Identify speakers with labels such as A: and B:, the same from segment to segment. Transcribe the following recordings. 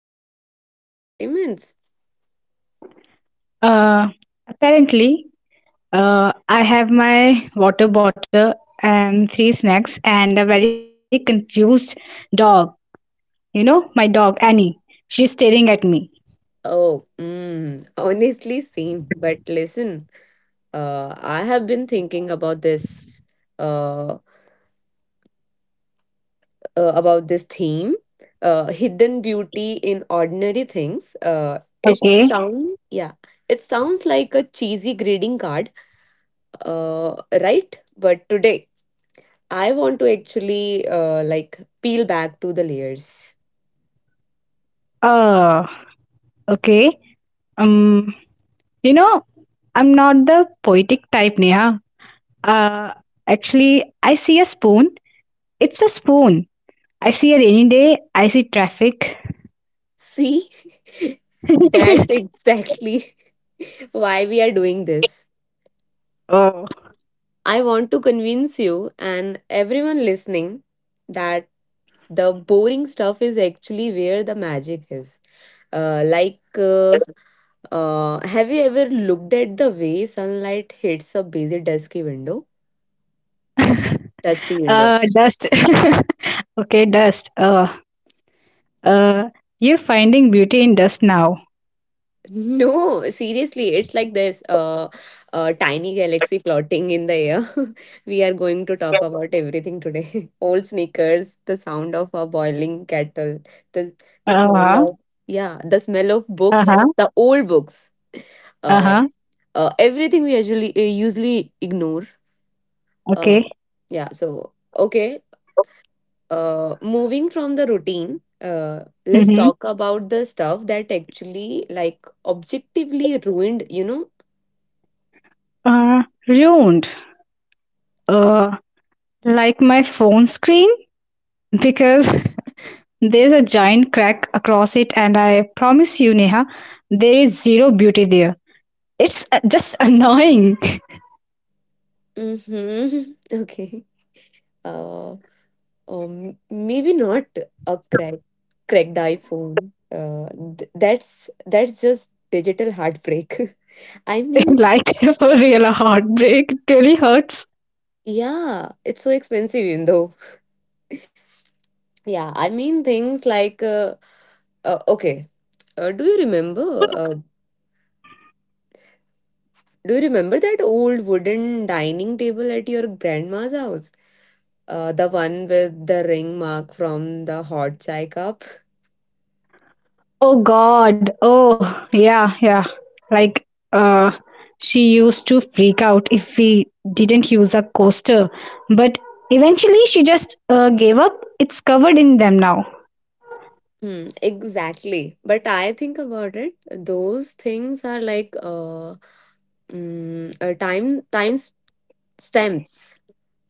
A: doing this for 40 minutes?
B: Uh, Apparently, I have my water bottle and three snacks and a very confused dog. You know, my dog Annie. She's staring at me.
A: Oh, honestly, same. But listen, I have been thinking uh, about this theme, hidden beauty in ordinary things. It
B: Okay.
A: sounds, yeah, it sounds like a cheesy greeting card, uh, right? But today, I want to actually like peel back to the layers.
B: Uh, okay. Um, you know, I'm not the poetic type, Neha. Uh, Actually, I see a spoon. It's a spoon. I see a rainy day. I see traffic.
A: See, that's exactly why we are doing this.
B: Oh.
A: I want to convince you and everyone listening that the boring stuff is actually where the magic is. Like, have you ever looked at the way sunlight hits a busy, dusky window? Dusty window.
B: Dust. Okay, dust. Uh, you're finding beauty in dust now.
A: No, seriously, it's like this tiny galaxy floating in the air. We are going to talk about everything today. Old sneakers, the sound of a boiling kettle, the the
B: Uh
A: smell
B: huh.
A: of, yeah, the smell of
B: Uh huh.
A: books, the old books.
B: Uh
A: Uh,
B: huh.
A: everything we usually ignore. Uh,
B: Okay.
A: yeah, so okay. Moving from the routine, let's
B: Mm-hmm.
A: talk about the stuff that actually like objectively ruined.
B: Ruined. Uh, like my phone screen because there's a giant crack across it, and I promise you, Neha, there is zero beauty there. It's just annoying.
A: Mhm. Okay. Uh, maybe not a cracked iPhone. That's just digital heartbreak. I mean,
B: Like for real, a heartbreak, it really hurts.
A: yeah, it's so expensive, even though. Yeah, I mean things like okay. Do you remember? Do you remember that old wooden dining table at your grandma's house? The one with the ring mark from the hot chai cup?
B: Oh God. Oh yeah, yeah. Like uh she used to freak out if we didn't use a coaster. But eventually she just gave up. It's covered in them now.
A: Hmm, exactly. But I think about it, those things are like time stamps.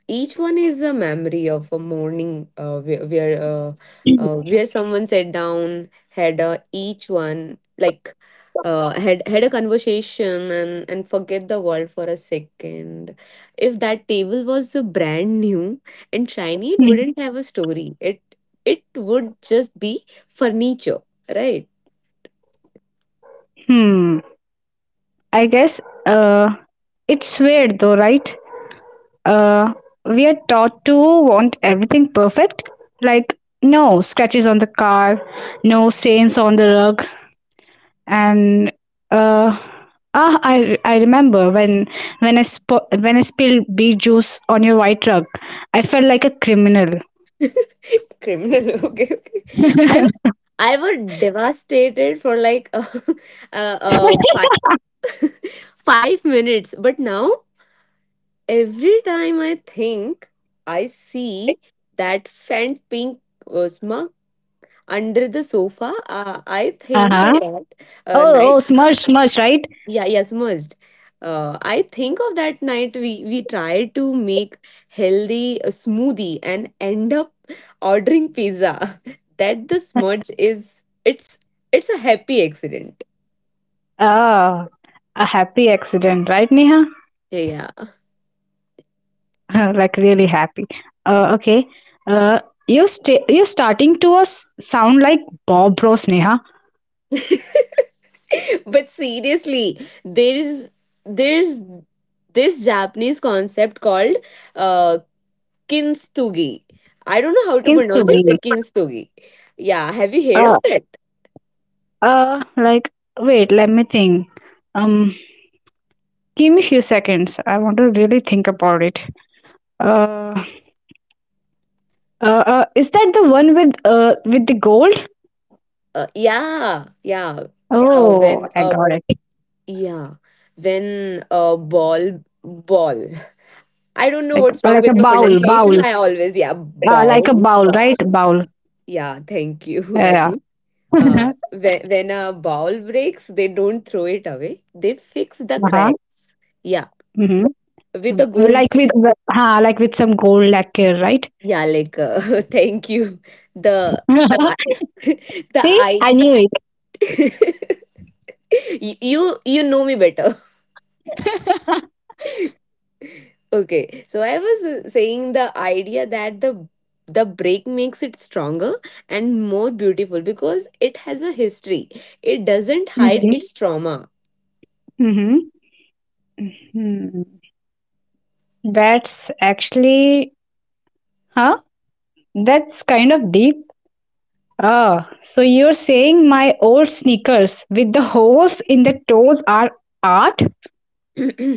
A: Each one is a memory of a morning, uh, where where, uh, uh, where someone sat down, had a, each one like had had a conversation, and forget the world for a second. If that table was brand new and shiny, it
B: Mm.
A: wouldn't have a story. It would just be furniture, right?
B: Hmm. I guess it's weird though, right? Uh we are taught to want everything perfect. Like no scratches on the car, no stains on the rug, and uh I remember when when I spilled bee juice on your white rug. I felt like a criminal.
A: Criminal, okay, okay. i I was devastated for like five. 5 minutes. But now, every time I think I see that faint pink smug under the sofa, I think
B: Uh-huh.
A: that
B: Oh, oh,
A: night.
B: smush smush, right.
A: Yeah, yeah, smudged. I think of that night we tried to make healthy smoothie and end up ordering pizza. That the smudge is it's a happy accident.
B: Ah, a happy accident, right, Neha.
A: Yeah.
B: Like really happy. Okay. uh you starting to us sound like Bob Ross, Neha.
A: But seriously, there's there's this Japanese concept called, uh, kintsugi. I don't know how to
B: Seems to
A: pronounce
B: be.
A: it, but kintsugi, yeah, have you heard
B: uh
A: of it?
B: like, wait, let me think. um Give me few seconds. I want to really think about it. Uh, is that the one with the gold?
A: Yeah, yeah,
B: Oh,
A: when,
B: I got it.
A: yeah, when a ball ball. I don't know
B: Like
A: what's
B: like
A: wrong
B: a
A: with my
B: bowl,
A: pronunciation,
B: bowl.
A: I always, yeah,
B: Like
A: ball,
B: a bowl, right? Bowl.
A: yeah, thank you,
B: Yeah.
A: Rashmi. When a bowl breaks, they don't throw it away. They fix the
B: Uh-huh.
A: cracks. Yeah,
B: Mm-hmm.
A: with the
B: Mm-hmm.
A: gold.
B: Like with like with some gold lacquer, right?
A: Yeah, like thank you. The, I-, the,
B: See,
A: I.
B: I knew it.
A: You know me better. Okay, so I was saying the idea that the break makes it stronger and more beautiful, because it has a history. It doesn't hide
B: Mm-hmm.
A: its trauma.
B: Mm-hmm. Hmm. That's actually, huh? That's kind of deep. Ah, so you're saying my old sneakers with the holes in the toes are art?
A: uh,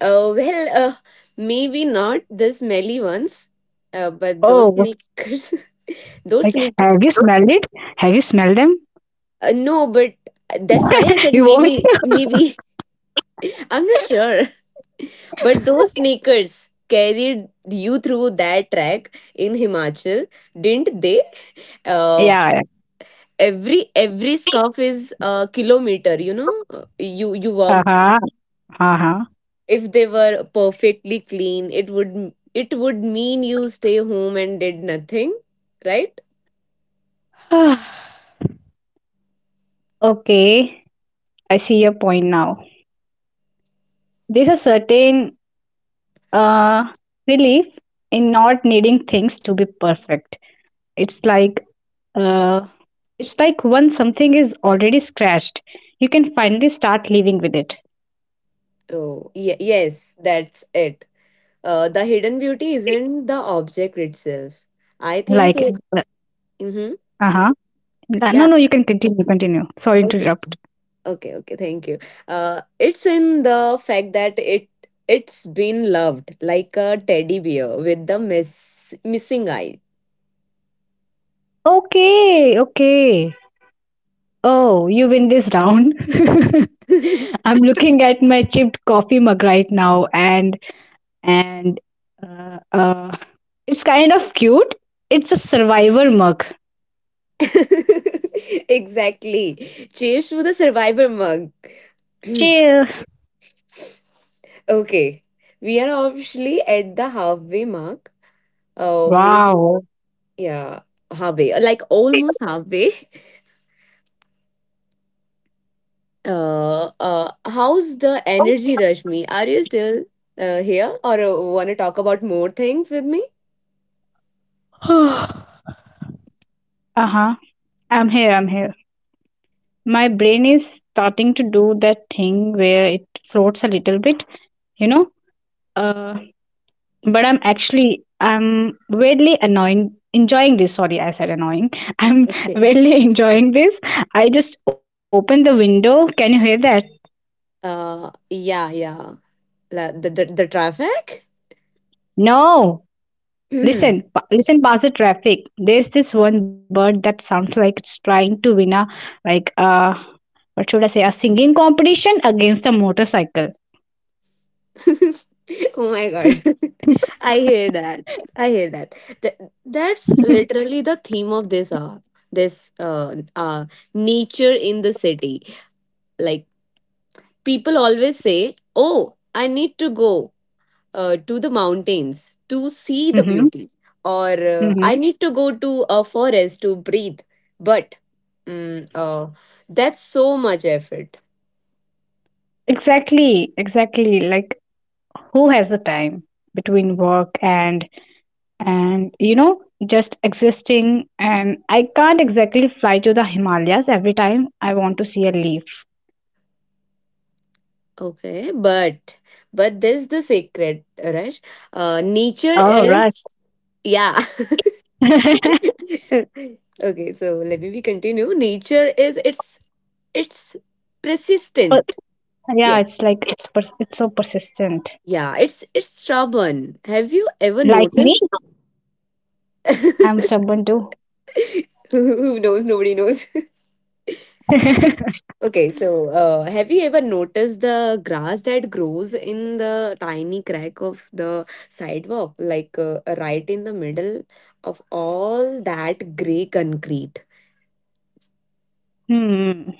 A: well, maybe not the smelly ones, but those
B: Oh,
A: sneakers,
B: like,
A: those
B: have
A: sneakers.
B: you smelled it? Have you smelled them?
A: No, but that's why I said
B: You won't?
A: maybe, maybe, I'm not sure. But those sneakers carried you through that track in Himachal, didn't they? Uh,
B: Yeah.
A: every scarf is a kilometer. You know, you
B: Uh
A: walk.
B: huh. Uh
A: If they were perfectly clean, it would mean you stay home and did nothing, right?
B: huh. Okay, I see your point now. There's a certain uh, relief in not needing things to be perfect. It's like uh, it's like once something is already scratched, you can finally start living with it.
A: Oh, yes, that's it. The hidden beauty isn't the object itself. I think
B: Like,
A: it. Mm-hmm.
B: uh huh. No,
A: Yeah.
B: no, you can continue. Continue. Sorry,
A: Okay.
B: interrupt.
A: Okay. Okay. Thank you. It's in the fact that it's been loved like a teddy bear with the missing eye.
B: Okay, okay. Oh, you win this round. I'm looking at my chipped coffee mug right now, and and uh, uh, it's kind of cute. It's a survivor mug.
A: Exactly. Cheers to the survivor mug.
B: Chill.
A: Okay. We are obviously at the halfway mark. Maybe,
B: Wow.
A: yeah, halfway, like almost halfway. How's the energy, Rashmi? Are you still here, or want to talk about more things with me?
B: Uh huh. I'm here. I'm here. My brain is starting to do that thing where it floats a little bit. You know, uh, but I'm weirdly annoying enjoying this. Sorry, I said annoying. I'm
A: Okay.
B: weirdly enjoying this. I just opened the window, can you hear that?
A: Yeah, yeah. The traffic?
B: No. Listen, listen past the traffic. There's this one bird that sounds like it's trying to win a, like uh what should I say, a singing competition against a motorcycle.
A: Oh my god, I hear that, I hear that. Th-
B: Mm-hmm,
A: that's literally the theme of this this uh, uh nature in the city. Like, people always say, oh, I need to go, to the mountains, to see the
B: mm-hmm.
A: beauty. Or I need to go to a forest to breathe, but mm, uh, that's so much effort.
B: Exactly, exactly, like who has the time between work and and you know just existing. And I can't exactly fly to the Himalayas every time I want to see a leaf.
A: Okay, but there's the secret, Rush. Nature
B: Oh, right.
A: is, yeah.
B: but
A: Okay, so let me be continue. Nature is, it's persistent.
B: Yeah,
A: Yes.
B: it's like, it's so persistent.
A: Yeah, it's stubborn. Have you ever
B: Like me,
A: noticed?
B: I'm someone too.
A: Who knows? Nobody knows. Okay, so have you ever noticed the grass that grows in the tiny crack of the sidewalk, like, right in the middle of all that gray concrete?
B: Hmm.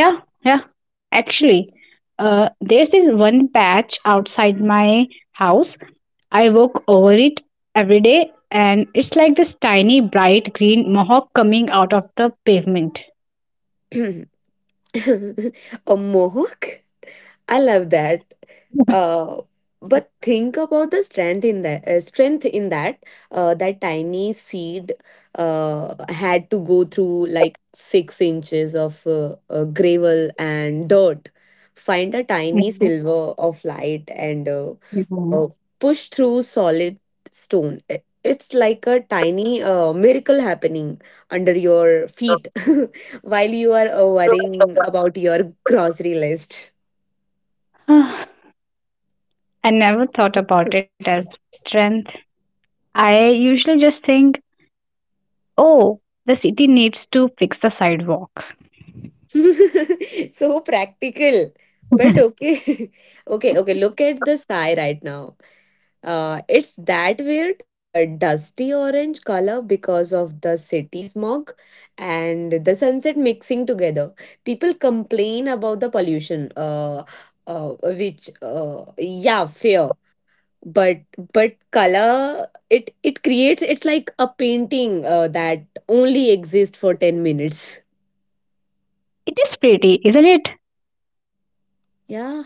B: Yeah, yeah, actually, there's this one patch outside my house. I walk over it every day, and it's like this tiny bright green mohawk coming out of the pavement.
A: A mohawk? I love that. Uh, but think about the strength in that that tiny seed had to go through like 6 inches of gravel and dirt, find a tiny silver of light, and
B: Mhm.
A: uh, push through solid stone. It's like a tiny miracle happening under your feet, while you are worrying about your grocery list.
B: Ah, I never thought about it as strength. I usually just think, oh, the city needs to fix the sidewalk.
A: So practical. But okay. Okay, okay. Look at the sky right now. It's that weird dusty orange color, because of the city smog and the sunset mixing together. People complain about the pollution, uh, which, yeah, fair. But color it creates, it's like a painting that only exists for 10 minutes.
B: It is pretty, isn't it?
A: Yeah.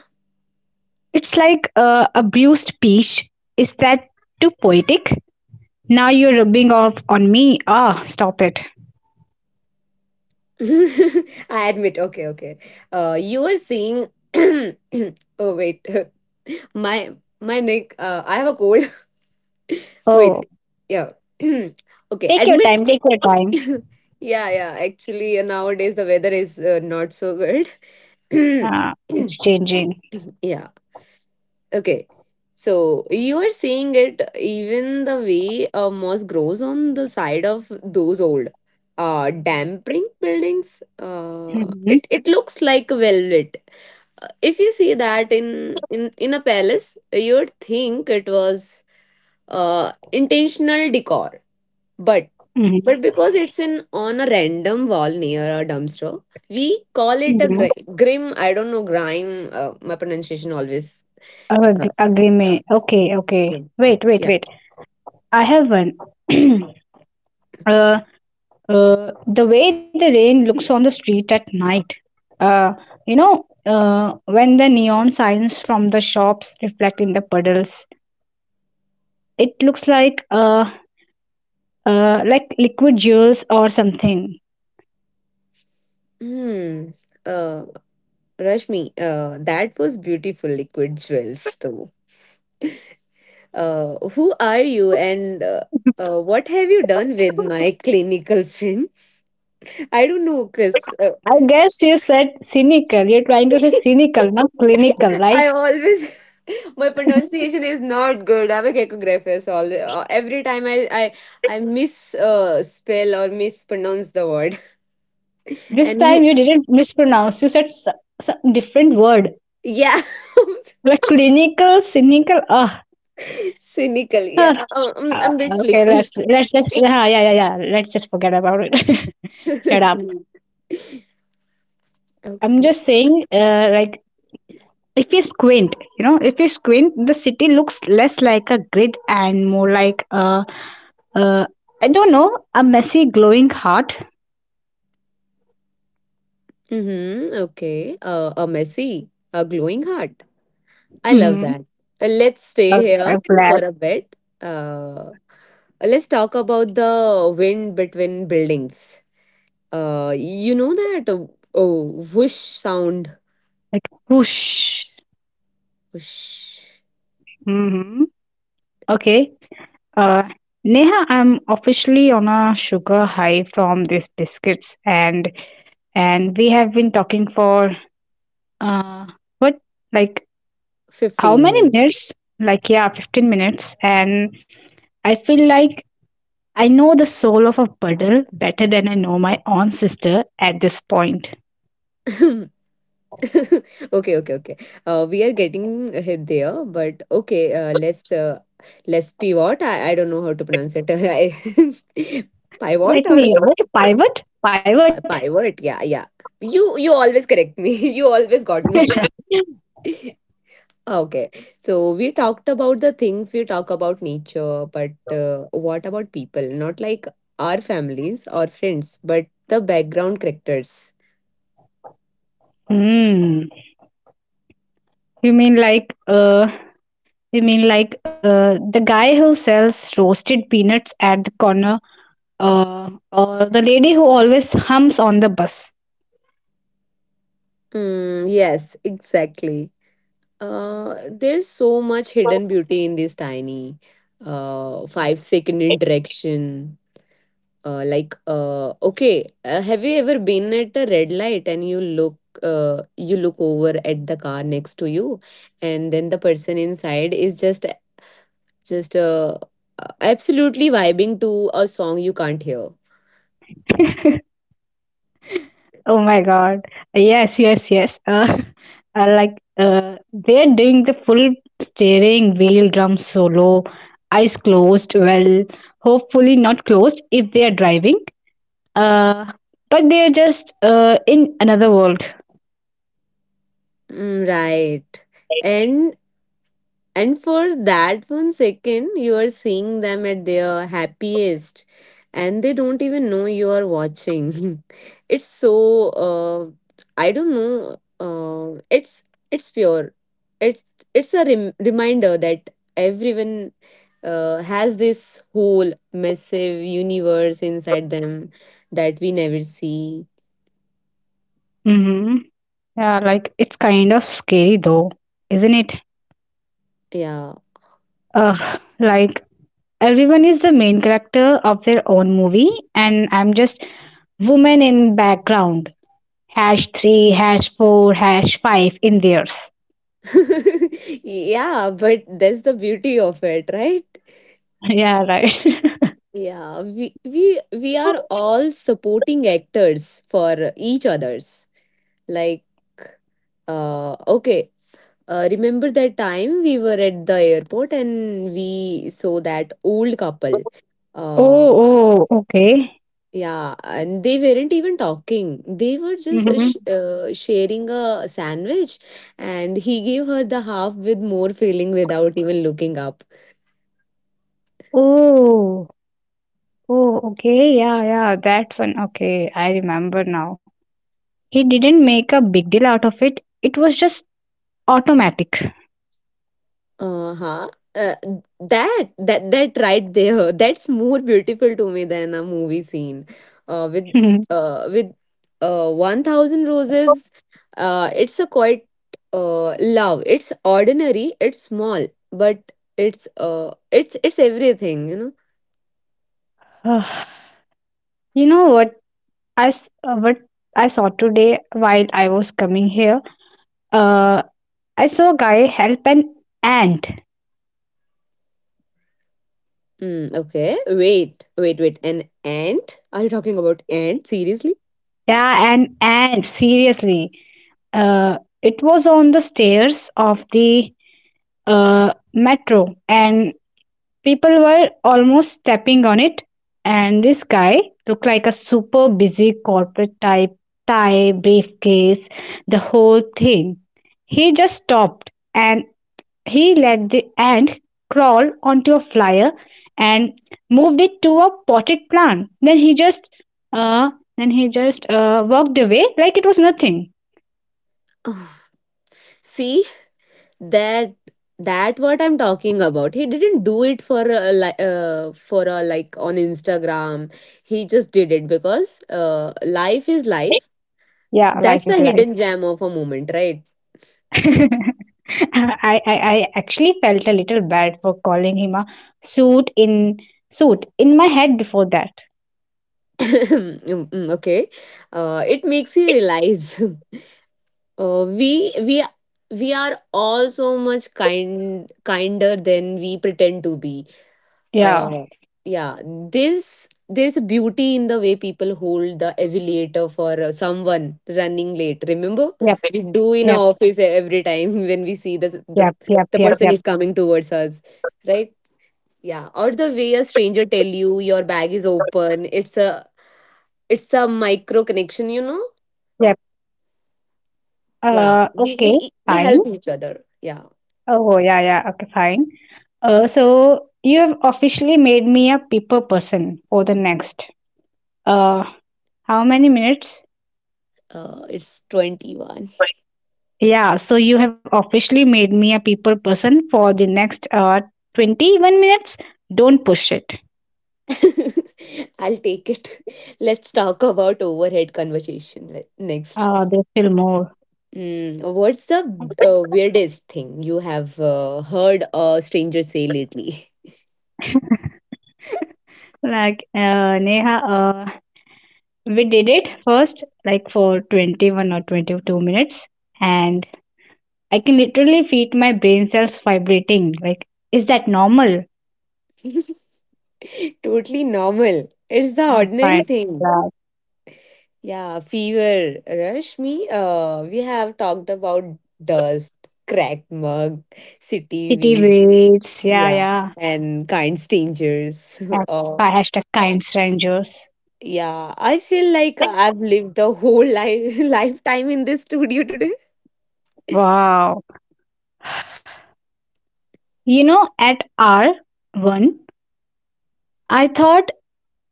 B: It's like a bruised peach. Is that too poetic? Now you're rubbing off on me. Ah, stop it.
A: I admit. Okay, okay. You were seeing. oh wait, my my neck. I have a cold.
B: Oh,
A: Wait, yeah. okay,
B: take your
A: admit.
B: time. Take your time.
A: Yeah, yeah. Actually, nowadays the weather is not so good.
B: Ah, it's changing.
A: yeah. Okay. So you are seeing it, even the way a moss grows on the side of those old dampering buildings. Uh
B: Mm-hmm,
A: it, it looks like velvet. If you see that in a palace, you would think it was intentional decor. But
B: mm-hmm,
A: because it's in, on a random wall near a dumpster, we call it a
B: mm-hmm.
A: grim. I don't know, grime. My pronunciation always.
B: Agree. Okay, okay.
A: Mm.
B: Wait, wait,
A: Yeah.
B: wait. I have one. uh, the way the rain looks on the street at night. Uh, you know, when the neon signs from the shops reflect in the puddles, it looks like liquid jewels or something.
A: Hmm. Uh, Rashmi, that was beautiful, liquid jewels, though. Who are you, and what have you done with my clinical friend? I don't know, because
B: I guess you said cynical. You're trying to say cynical, not clinical, right?
A: I always. My pronunciation is not good. I'm a gecographist. All, every time I miss, spell or mispronounce the word,
B: This
A: and you,
B: time you didn't mispronounce. You said some different word.
A: yeah,
B: Like clinical, cynical. Ah,
A: cynical. Yeah,
B: oh,
A: I'm a bit
B: okay, let's
A: sleepy.
B: let's just yeah, yeah, yeah, yeah. Let's just forget about it. Shut up. I'm
A: Okay.
B: just saying, like if you squint, you know, if you squint, the city looks less like a grid and more like a, uh, I don't know, a messy glowing heart.
A: Mm-hmm. Okay. A messy, a glowing heart. I love
B: Hmm.
A: that. Let's stay
B: Oh,
A: here
B: I'm glad.
A: for a bit. Let's talk about the wind between buildings. You know that oh, whoosh sound.
B: Like whoosh.
A: Whoosh.
B: Mm-hmm. Okay. Uh, Neha, I'm officially on a sugar high from these biscuits, and we have been talking for, Uh, what, like, how
A: 15
B: many
A: minutes.
B: minutes? Like, yeah, 15 minutes, and I feel like I know the soul of a puddle better than I know my own sister at this point.
A: Okay, okay, okay. We are getting hit there, but okay, let's pivot. I don't know how to pronounce it. I-, pivot,
B: Let me,
A: or
B: what, pivot? Pivot.
A: Pivot, yeah, yeah. You always correct me. You always got me. Okay. So we talked about the things, we talk about nature, but uh, what about people? Not like our families or friends, but the background characters.
B: Hmm. You mean like uh you mean like the guy who sells roasted peanuts at the corner, or the lady who always hums on the bus.
A: Mm, yes, exactly. There's so much hidden beauty in this tiny, 5 second interaction. Like, okay, have you ever been at a red light and you look over at the car next to you, and then the person inside is just, absolutely vibing to a song you can't hear.
B: Oh my God. Yes, yes, yes. They're doing the full steering wheel drum solo, eyes closed. Well, hopefully not closed if they are driving. Uh, but they're just in another world.
A: Mm, right. And And for that one second, you are seeing them at their happiest, and they don't even know you are watching. It's so, uh, I don't know. It's pure. It's it's a reminder that everyone has this whole massive universe inside them that we never see.
B: Mm-hmm. Yeah, like it's kind of scary though, isn't it?
A: Yeah,
B: Ugh, like everyone is the main character of their own movie, and I'm just woman in background. Hash 3, hash 4, hash 5 in theirs.
A: yeah. But that's the beauty of it, right?
B: Yeah, right.
A: Yeah, we are all supporting actors for each others. Like, okay, remember that time we were at the airport and we saw that old couple.
B: Oh,
A: Uh,
B: oh, okay.
A: yeah, and they weren't even talking. They were just,
B: Mm-hmm.
A: sh sharing a sandwich, and he gave her the half with more feeling without even looking up.
B: Oh, oh, okay, yeah, yeah, that one, okay, I remember now. He didn't make a big deal out of it. It was just automatic.
A: Uh-huh. Uh, that right there, that's more beautiful to me than a movie scene. Uh, with
B: You
A: with 1,000 roses. It's a quite love. It's ordinary, it's small, but it's everything.
B: know what what I saw today while I was coming here? uh I saw a guy help an ant.
A: Mm, okay. Wait, wait, wait. An ant? Are you talking about ant? Seriously?
B: Yeah, and seriously. It was on the stairs of the metro, and people were almost stepping on it. And this guy looked like a super busy corporate type, tie, briefcase, the whole thing. He just stopped and he let the ant crawl onto a flyer and moved it to a potted plant. Uh then he just walked away like it was nothing.
A: Oh, see, that that what I'm talking about. He didn't do it for a, like on Instagram. He just did it because life is life.
B: Yeah, life
A: That's a
B: is life.
A: hidden gem of a moment, right?
B: I actually felt a little bad for calling him a suit in suit in my head before that.
A: Mm, mm, okay. It makes you realize. uh, we we we are all so much kinder than we pretend to be.
B: Yeah.
A: uh yeah, there's a beauty in the way people hold the elevator for someone running late, remember?
B: Yep.
A: We do in
B: Yep.
A: our office every time, when we see
B: Yep. Yep.
A: the
B: Yep.
A: person
B: Yep.
A: is coming towards us, right? Yeah. Or the way a stranger tell you your bag is open. It's a micro connection.
B: Yep.
A: Yeah.
B: Okay.
A: We They
B: Fine.
A: help each other, yeah.
B: Oh yeah. Yeah. Okay. Fine. So you have officially made me a people person for the next. Uh, how many minutes?
A: It's 21.
B: Yeah, so you have officially made me a people person for the next 21 minutes. Don't push it.
A: I'll take it. Let's talk about overhead conversation next.
B: There's still more.
A: Mm, what's the weirdest thing you have heard a stranger say lately?
B: Like, Neha, we did it first, like for 21 or 22 minutes, and I can literally feel my brain cells vibrating. Like, is that normal?
A: Totally normal. It's the ordinary
B: Fine.
A: thing.
B: Yeah.
A: Yeah, fever, Rashmi. We have talked about dust, cracked mug, city
B: City
A: weeds.
B: beats, yeah,
A: Yeah.
B: yeah.
A: And kind strangers.
B: At
A: uh,
B: #KindStrangers.
A: Yeah, I feel like I've lived a whole life lifetime in this studio today.
B: Wow. You know, at R1, I thought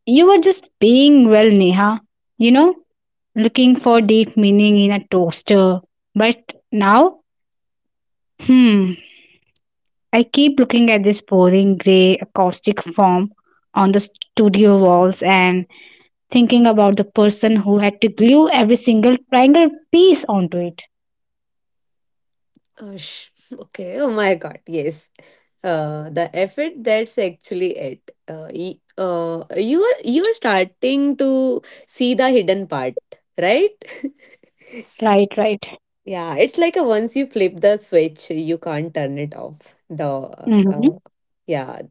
B: you were just being, well, Neha. You know, looking for deep meaning in a toaster. But now, hmm, I keep looking at this boring grey acoustic form on the studio walls and thinking about the person who had to glue every single triangle piece onto it.
A: Oh, okay. Oh my God. Yes. The effort. That's actually it. You are starting to see the hidden part, right?
B: Right, right.
A: Yeah, it's like a once you flip the switch, you can't turn it off. The uh,
B: Mm-hmm.
A: uh, yeah,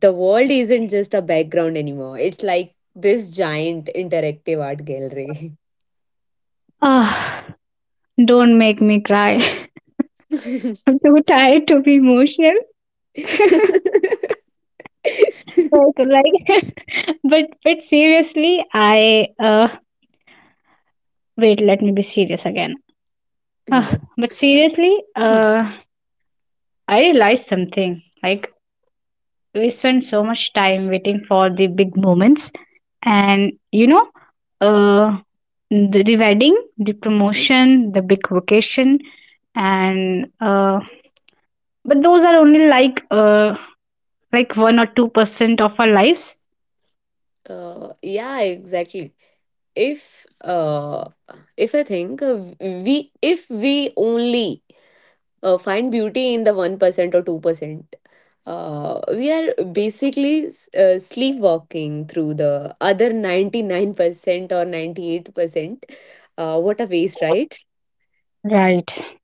A: the world isn't just a background anymore. It's like this giant interactive art gallery.
B: Ah, don't make me cry. I'm too tired to be emotional. Like, but seriously, I wait, let me be serious again. Ah, but seriously, I realized something. Like, we spend so much time waiting for the big moments and you know, uh the wedding, the promotion, the big vacation, and but those are only like 1 or 2% of our lives,
A: Yeah, exactly. If uh, if I think we if we only find beauty in the 1% or 2%. We are basically sleepwalking through the other 99% or 98%. What a waste, right?
B: right?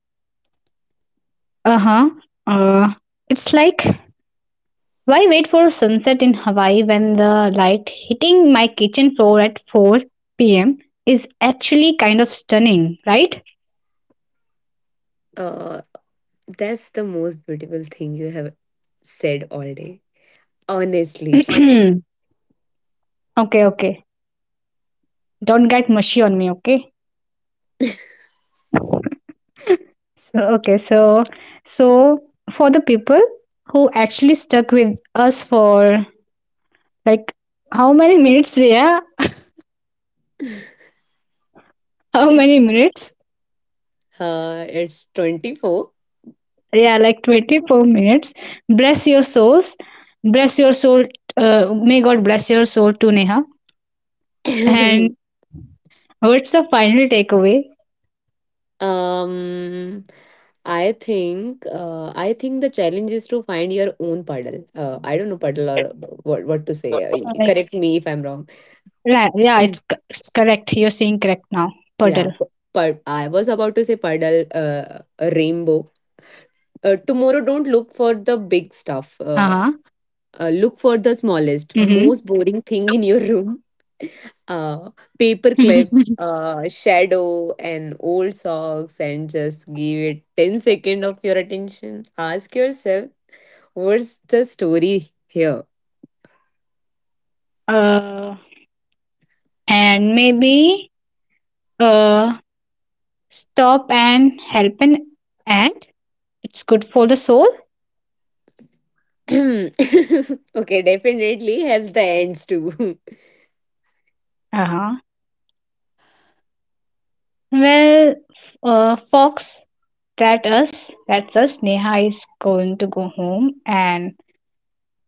B: Uh-huh. uh it's like, why wait for a sunset in Hawaii when the light hitting my kitchen floor at 4 p.m is actually kind of stunning, right?
A: Uh, that's the most beautiful thing you have said all day. Honestly.
B: Okay, okay, don't get mushy on me. Okay, so okay, so for the people who actually stuck with us for, like, how many minutes? Yeah, how many minutes?
A: It's 24.
B: Yeah, like 24 minutes. Bless your souls, bless your soul. May God bless your soul to Neha. And what's the final takeaway?
A: um, I think the challenge is to find your own puddle. I don't know puddle or what to say.
B: Like,
A: Correct me if I'm wrong.
B: yeah, yeah, it's, it's correct, you're saying correct now.
A: Yeah,
B: Puddle.
A: but I was about to say puddle, a rainbow. Tomorrow, don't look for
B: Uh-huh.
A: the big stuff. Look for the smallest, most boring thing in your room. Uh,
B: Mm-hmm.
A: Paperclip, shadow, and old socks, and just give it 10 seconds of your attention. Ask yourself, what's the story here?
B: uh and maybe uh stop and help and and it's good for the soul.
A: Okay, definitely have the ends too.
B: Uh-huh. Well, Fox, that's us. Neha is going to go home and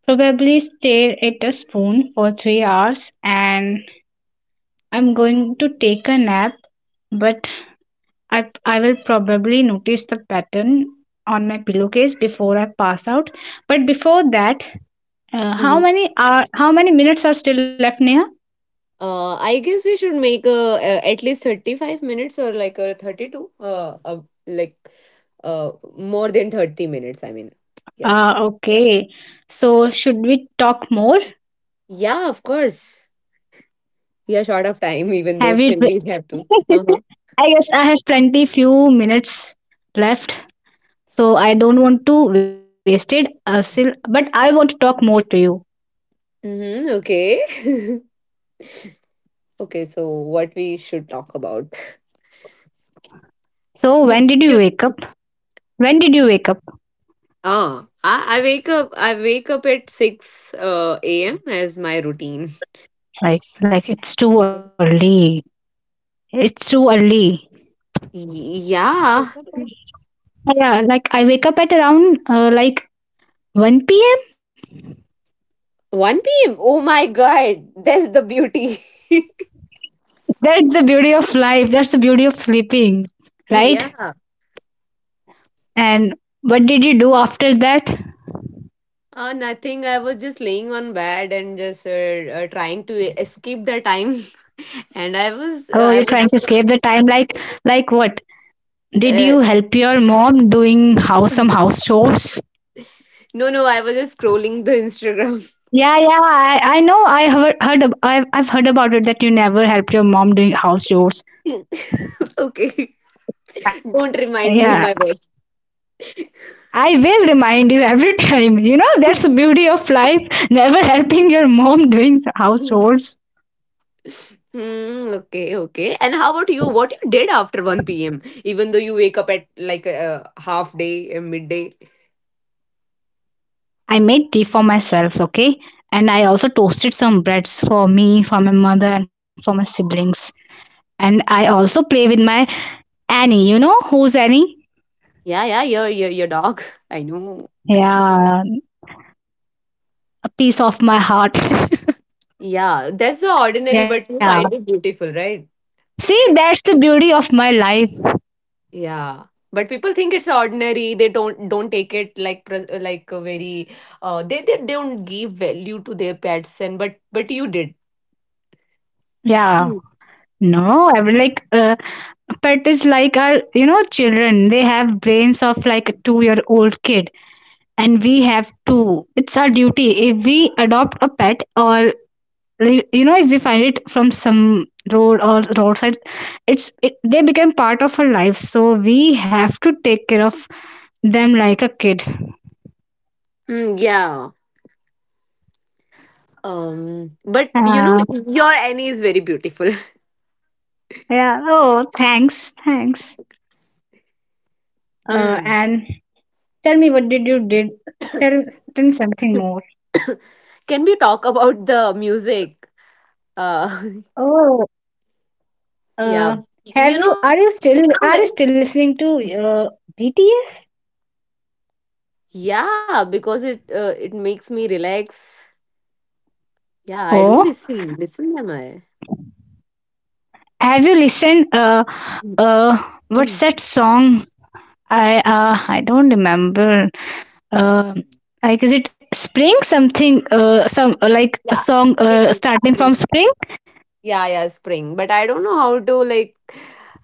B: probably stare at a spoon for 3 hours, and I'm going to take a nap. But I will probably notice the pattern on my pillowcase before I pass out. But before that,
A: Mhm.
B: how many minutes are still left, Neha?
A: I guess we should make a at least 35 minutes, or like a 32, like uh more than 30 minutes, I mean. Yeah.
B: Ah, okay. So should we talk more?
A: Yeah, of course. We are short of time,
B: Have you
A: even though still we have to. Uh huh.
B: I guess I have plenty few minutes left, so I don't want to waste it. But I want to talk more to you.
A: Mm-hmm, okay. Okay. So what we should talk about?
B: So
A: You,
B: when did you
A: you-
B: wake up? When did you wake up?
A: ah, I wake up. I wake up at 6 a.m. as my routine.
B: Like it's too early. It's too early.
A: Yeah,
B: Yeah, like I wake up at around one p.m.
A: 1 p.m. Oh my God, that's the beauty.
B: That's the beauty of life. That's the beauty of sleeping, right?
A: Yeah.
B: And what did you do after that?
A: Nothing. I was just laying on bed and just trying to escape the time, and
B: Oh,
A: I
B: you're
A: was
B: trying to
A: just
B: escape the time, like what? Did you help your mom doing house
A: uh,
B: some house chores?
A: No, no, I was just scrolling the Instagram.
B: Yeah, yeah, I know. I have heard. I've heard about it that you never helped your mom doing house chores.
A: Okay. Don't
B: Yeah,
A: remind me, my boss.
B: I will remind you every time. You know that's the beauty of life. Never helping your mom doing house chores.
A: Hmm, okay, okay. And how about you? What you did after 1 p.m.? Even though you wake up at like a half day, a midday.
B: I made tea for myself. Okay, and I also toasted some breads for me, for my mother, and for my siblings. And I also play with my Annie. You know who's Annie?
A: Yeah, yeah, your dog. I know.
B: Yeah, a piece of my heart.
A: Yeah, that's so ordinary, but
B: Yeah.
A: you find it beautiful, right?
B: See, that's the beauty of my life.
A: Yeah, but people think it's ordinary. They don't take it like like a very, they don't give value to their pets, and but you did.
B: Yeah.
A: Mm.
B: No, I mean, like, pet is like our, you know, children. They have brains of like a 2 year old kid, and we have two. It's our duty. If we adopt a pet, or, you know, if we find it from some road or roadside, they become part of our life. So we have to take care of them like a kid.
A: Mm, yeah. But you know,
B: Uh,
A: your Annie is very beautiful.
B: yeah. Oh, thanks. Thanks.
A: Mm.
B: And Tell me what did you did? Tell, tell me something more.
A: Can we talk about the music? Uh,
B: Oh,
A: yeah.
B: uh, have
A: You
B: you?
A: know that.
B: Are you still listening to uh, BTS?
A: Yeah, because it makes me relax. Yeah, I do
B: Oh,
A: listen. Listen, am I?
B: have you listened?
A: Mm,
B: Uh, what's
A: mm.
B: that song? I don't remember. Uh, like is it spring something? Some like a
A: Yeah.
B: song
A: Same.
B: starting from spring.
A: Yeah, yeah, spring. But I don't know how to like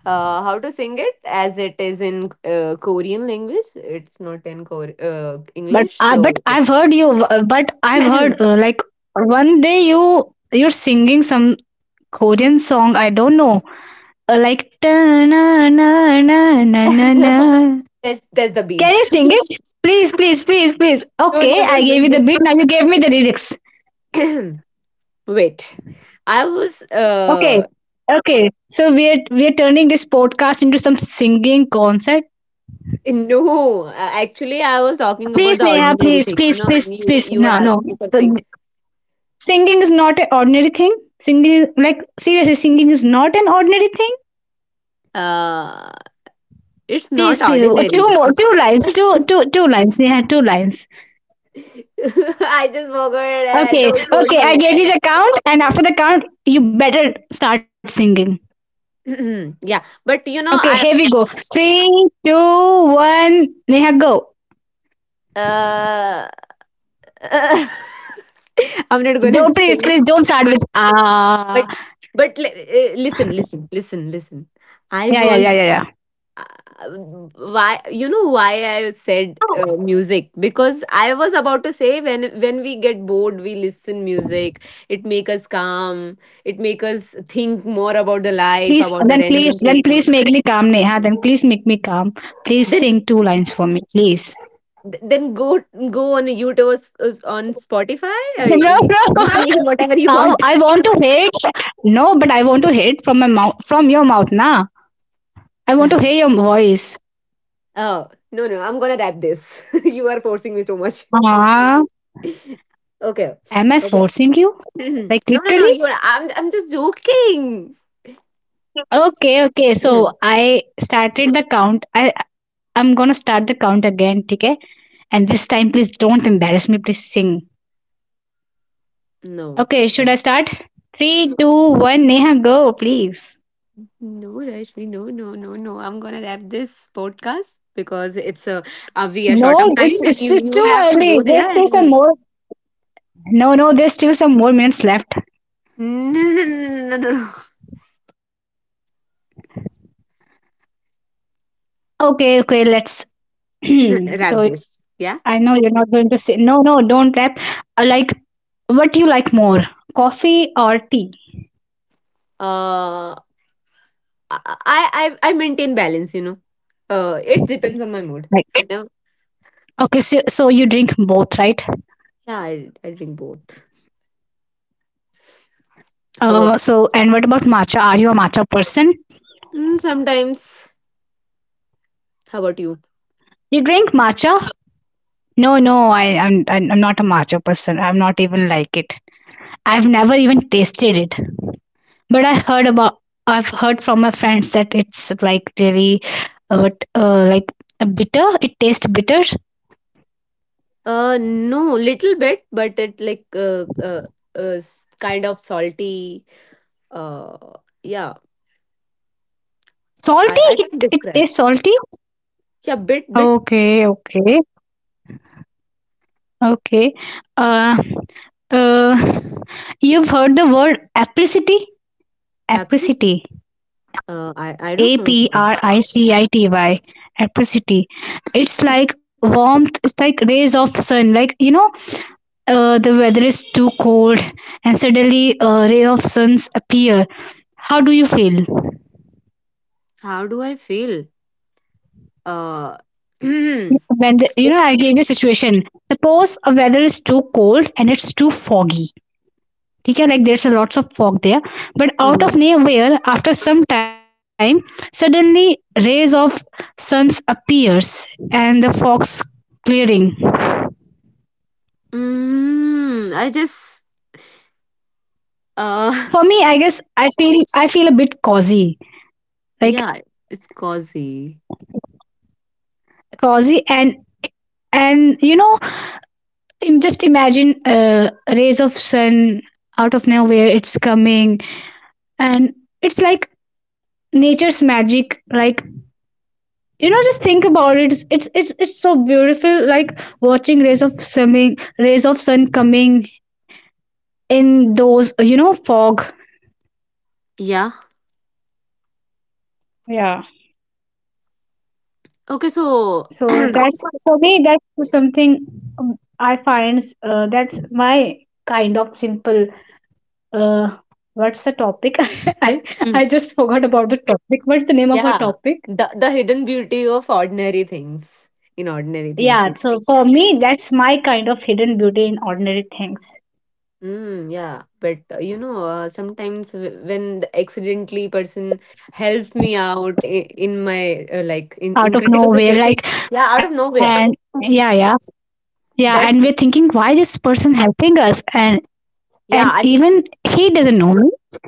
A: uh, how to sing it as it is in Korean language. It's not in
B: But
A: English.
B: I but
A: So yeah.
B: I've heard you. But I've heard one day you're singing some
A: Mm.
B: Korean song. I don't know. Na na na na na na. Na.
A: That's the
B: Can
A: beat.
B: you sing
A: No,
B: it? Please, please, please, please.
A: no,
B: Okay,
A: no,
B: I gave you the
A: no.
B: beat. Now you gave me the lyrics.
A: No. Wait. I was
B: Okay, okay. So we're turning this podcast into some singing concert.
A: no, a- Actually, I was talking about
B: Please,
A: the
B: Neha,
A: ordinary
B: please,
A: thing, you
B: please,
A: know,
B: please,
A: and
B: please.
A: you
B: No,
A: you were
B: no.
A: asking me for sing.
B: Singing is not an ordinary thing. Singing, like seriously, singing is not an ordinary thing.
A: Uh it's
B: Please,
A: not
B: please.
A: ordinary.
B: Two more, two lines, two, two, two lines. Neha, two lines.
A: I just forgot.
B: Okay,
A: Don't
B: okay.
A: force
B: I gave
A: me.
B: you the count, and after the count, you better start singing.
A: Yeah, but you know,
B: Okay,
A: I
B: here we go. Three, two, one. Neha, go.
A: uh, I'm not gonna
B: Don't please,
A: sing.
B: please don't start with
A: But
B: ah.
A: but listen, listen, listen, listen. I
B: Yeah, yeah,
A: was
B: yeah, yeah, yeah.
A: uh, why, you know why I said music. Because I was about to say when we get bored, we listen music. It make us calm. It make us think more about the life,
B: Please,
A: about the
B: then please,
A: random
B: then
A: things.
B: please make me calm, Neha. Then please make me calm. Please
A: Then
B: sing two lines for me, please.
A: then go on YouTube, or on Spotify.
B: No,
A: You can
B: no.
A: listen whatever you
B: How
A: want.
B: I want to hear it. No, but I want to hear it from my mouth, from your mouth, na. I want
A: Ah.
B: to hear your voice.
A: Oh, no, no! I'm gonna wrap this. You are forcing me so much.
B: Ah. Am I
A: Okay,
B: forcing
A: okay.
B: you? Like
A: Mhm.
B: literally?
A: No, no, no! You are, I'm just joking.
B: Okay, okay. So
A: Mhm.
B: I started the count. I'm gonna start the count again, okay? And this time please don't embarrass me, please sing. Okay, should I
A: No.
B: start?
A: No,
B: Three, two, one, Neha, go, please.
A: no, Rashmi, no, no, no, no. I'm gonna wrap this podcast because it's a we are
B: No,
A: short of
B: it's
A: time,
B: it's
A: and you
B: too
A: have to
B: early.
A: go
B: There's
A: there,
B: still some
A: and
B: more. No, no, there's still some more minutes left.
A: no, no, no, no, no. No.
B: Okay, okay, let's.
A: Wrap
B: So
A: this. Yeah.
B: I know you're not going to say no, no, don't rap. I like what do you like more, coffee or tea?
A: Uh, I I maintain balance, you know. It depends on my mood. Whenever,
B: Like Okay, so you drink both, right?
A: yeah, I drink both.
B: So
A: How
B: and
A: about
B: what about matcha? Are you a matcha person?
A: sometimes? How about you?
B: You drink matcha? No, no, I'm not a matcha person. I'm not even like it. I've never even tasted it. But I heard about I've heard from my friends that it's like really what like bitter. It tastes bitter.
A: No, little bit, but it like kind of salty. Uh, yeah,
B: Salty.
A: I can't
B: It
A: describe.
B: tastes salty.
A: Yeah, bit bit
B: Okay, okay, okay. Uh, uh, you've heard the word apricity.
A: happens.
B: Apricity.
A: I don't
B: A
A: know
B: P
A: about that.
B: R I C I T Y, apricity. It's like warmth, it's like rays of sun. Like, you know, the weather is too cold and suddenly a ray of suns appear. How do you feel?
A: How do I feel? Uh, it's.
B: When the, you know, I gave you a situation. Suppose a weather is too cold and it's too foggy. Okay, like there's a lots of fog there. But out
A: Uh-huh.
B: of nowhere, after some time, suddenly rays of suns appears and the fog's clearing.
A: I just uh
B: For me I guess I feel a bit cozy, like
A: Yeah, it's cozy.
B: cozy. And you know, just imagine a rays of sun, out of nowhere it's coming, and it's like nature's magic. Like, you know, just think about it, it's so beautiful, like watching rays of sun coming in those, you know, fog.
A: Yeah.
B: Yeah.
A: Okay, so
B: So that's for me, that's something, um, I find that's my kind of simple. Uh, what's the topic? I
A: Mm,
B: I just forgot about the topic. What's the name of our
A: yeah,
B: topic?
A: the hidden beauty of ordinary things, in ordinary things.
B: Yeah, so for me, that's my kind of hidden beauty in ordinary things.
A: Mm, yeah, but you know, sometimes when the accidentally person helps me out in my like in
B: Out of
A: in critical
B: nowhere, like
A: situation, yeah, out of
B: and
A: nowhere.
B: yeah, yeah, yeah, and we're
A: That's
B: thinking why this person helping us, and
A: yeah, I
B: even he doesn't know me.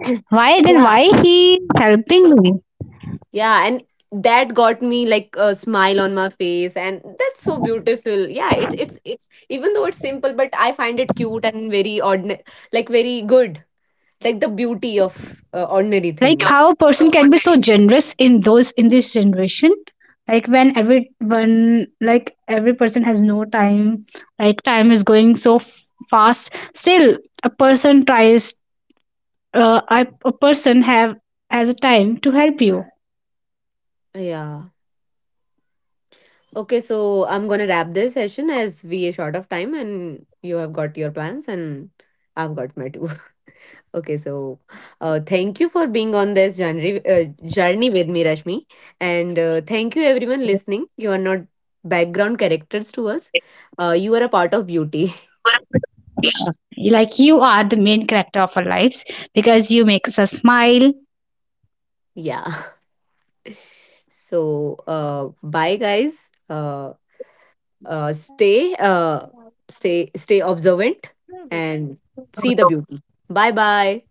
A: mean,
B: Why then? Why
A: yeah.
B: he helping me?
A: Yeah, and that got me like a smile on my face, and that's so beautiful. Yeah, it's even though it's simple, but I find it cute and very ordinary, like very good, like the beauty of ordinary
B: Like
A: things.
B: how a person can be so generous in those in this generation, like when everyone, like every person has no time, like time is going so fast. Still a person tries, a person have has a time to help you.
A: Yeah. Okay, so I'm gonna wrap this session as we are short of time, and you have got your plans, and I've got my too. Okay, so thank you for being on this journey with me, Rashmi. And thank you, everyone listening. You are not background characters to us. You are a part of beauty.
B: Like you are the main character of our lives, because you make us a smile.
A: Yeah. So, bye, guys. Uh, stay, uh, stay observant and see the beauty. Bye bye.